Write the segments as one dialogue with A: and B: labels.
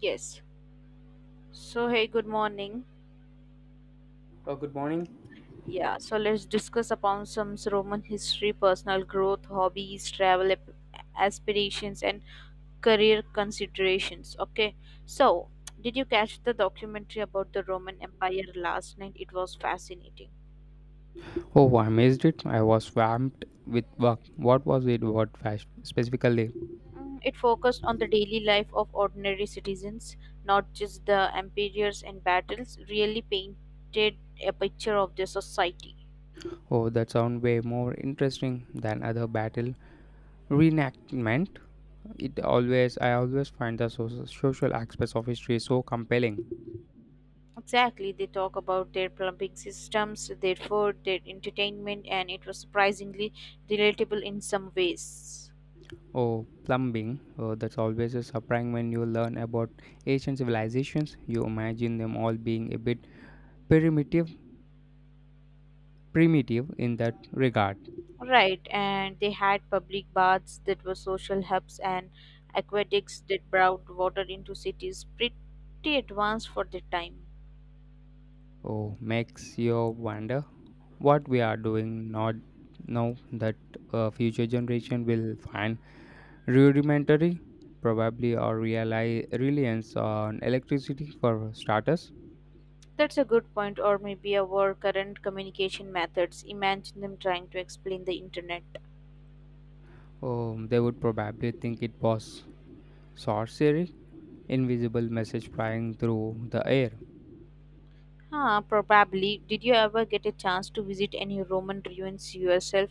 A: Yes. So, hey, good morning.
B: Oh, good morning.
A: Yeah, so let's discuss upon some Roman history, personal growth, hobbies, aspirations, and career considerations. Okay, so did you catch the documentary about the Roman Empire last night? It was fascinating.
B: Oh, I missed it. I was swamped with work. What was it? What fast specifically?
A: It focused on the daily life of ordinary citizens, not just the emperors and battles, really painted a picture of their society.
B: Oh, that sound way more interesting than other battle reenactment. It always I always find the social aspects of history so compelling.
A: Exactly, they talk about their plumbing systems, their food, their entertainment, and it was surprisingly relatable in some ways.
B: Oh, plumbing. Oh, that's always a surprise when you learn about ancient civilizations. You imagine them all being a bit primitive, primitive in that regard.
A: Right, and they had public baths that were social hubs and aqueducts that brought water into cities, pretty advanced for their time.
B: Oh, makes you wonder what we are doing not now that future generation will find rudimentary probably, or realize reliance on electricity for starters.
A: That's a good point, or maybe our current communication methods. Imagine them trying to explain the internet.
B: They would probably think it was sorcery, invisible message flying through the air.
A: Huh, probably. Did you ever get a chance to visit any Roman ruins yourself?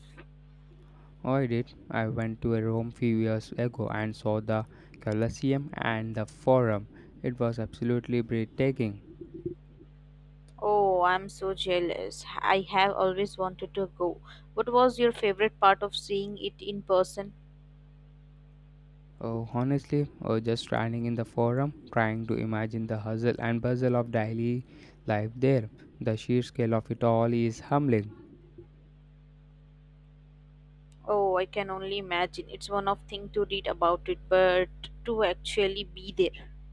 B: Oh, I did, I went to a room few years ago and saw the colosseum and the forum. It was absolutely breathtaking.
A: Oh, I'm so jealous. I have always wanted to go. What was your favorite part of seeing it in person?
B: Oh, honestly, or just standing in the forum, trying to imagine the hustle and bustle of daily life there. The sheer scale of it all is humbling.
A: Oh, I can only imagine. It's one of thing to read about it, but to actually be there.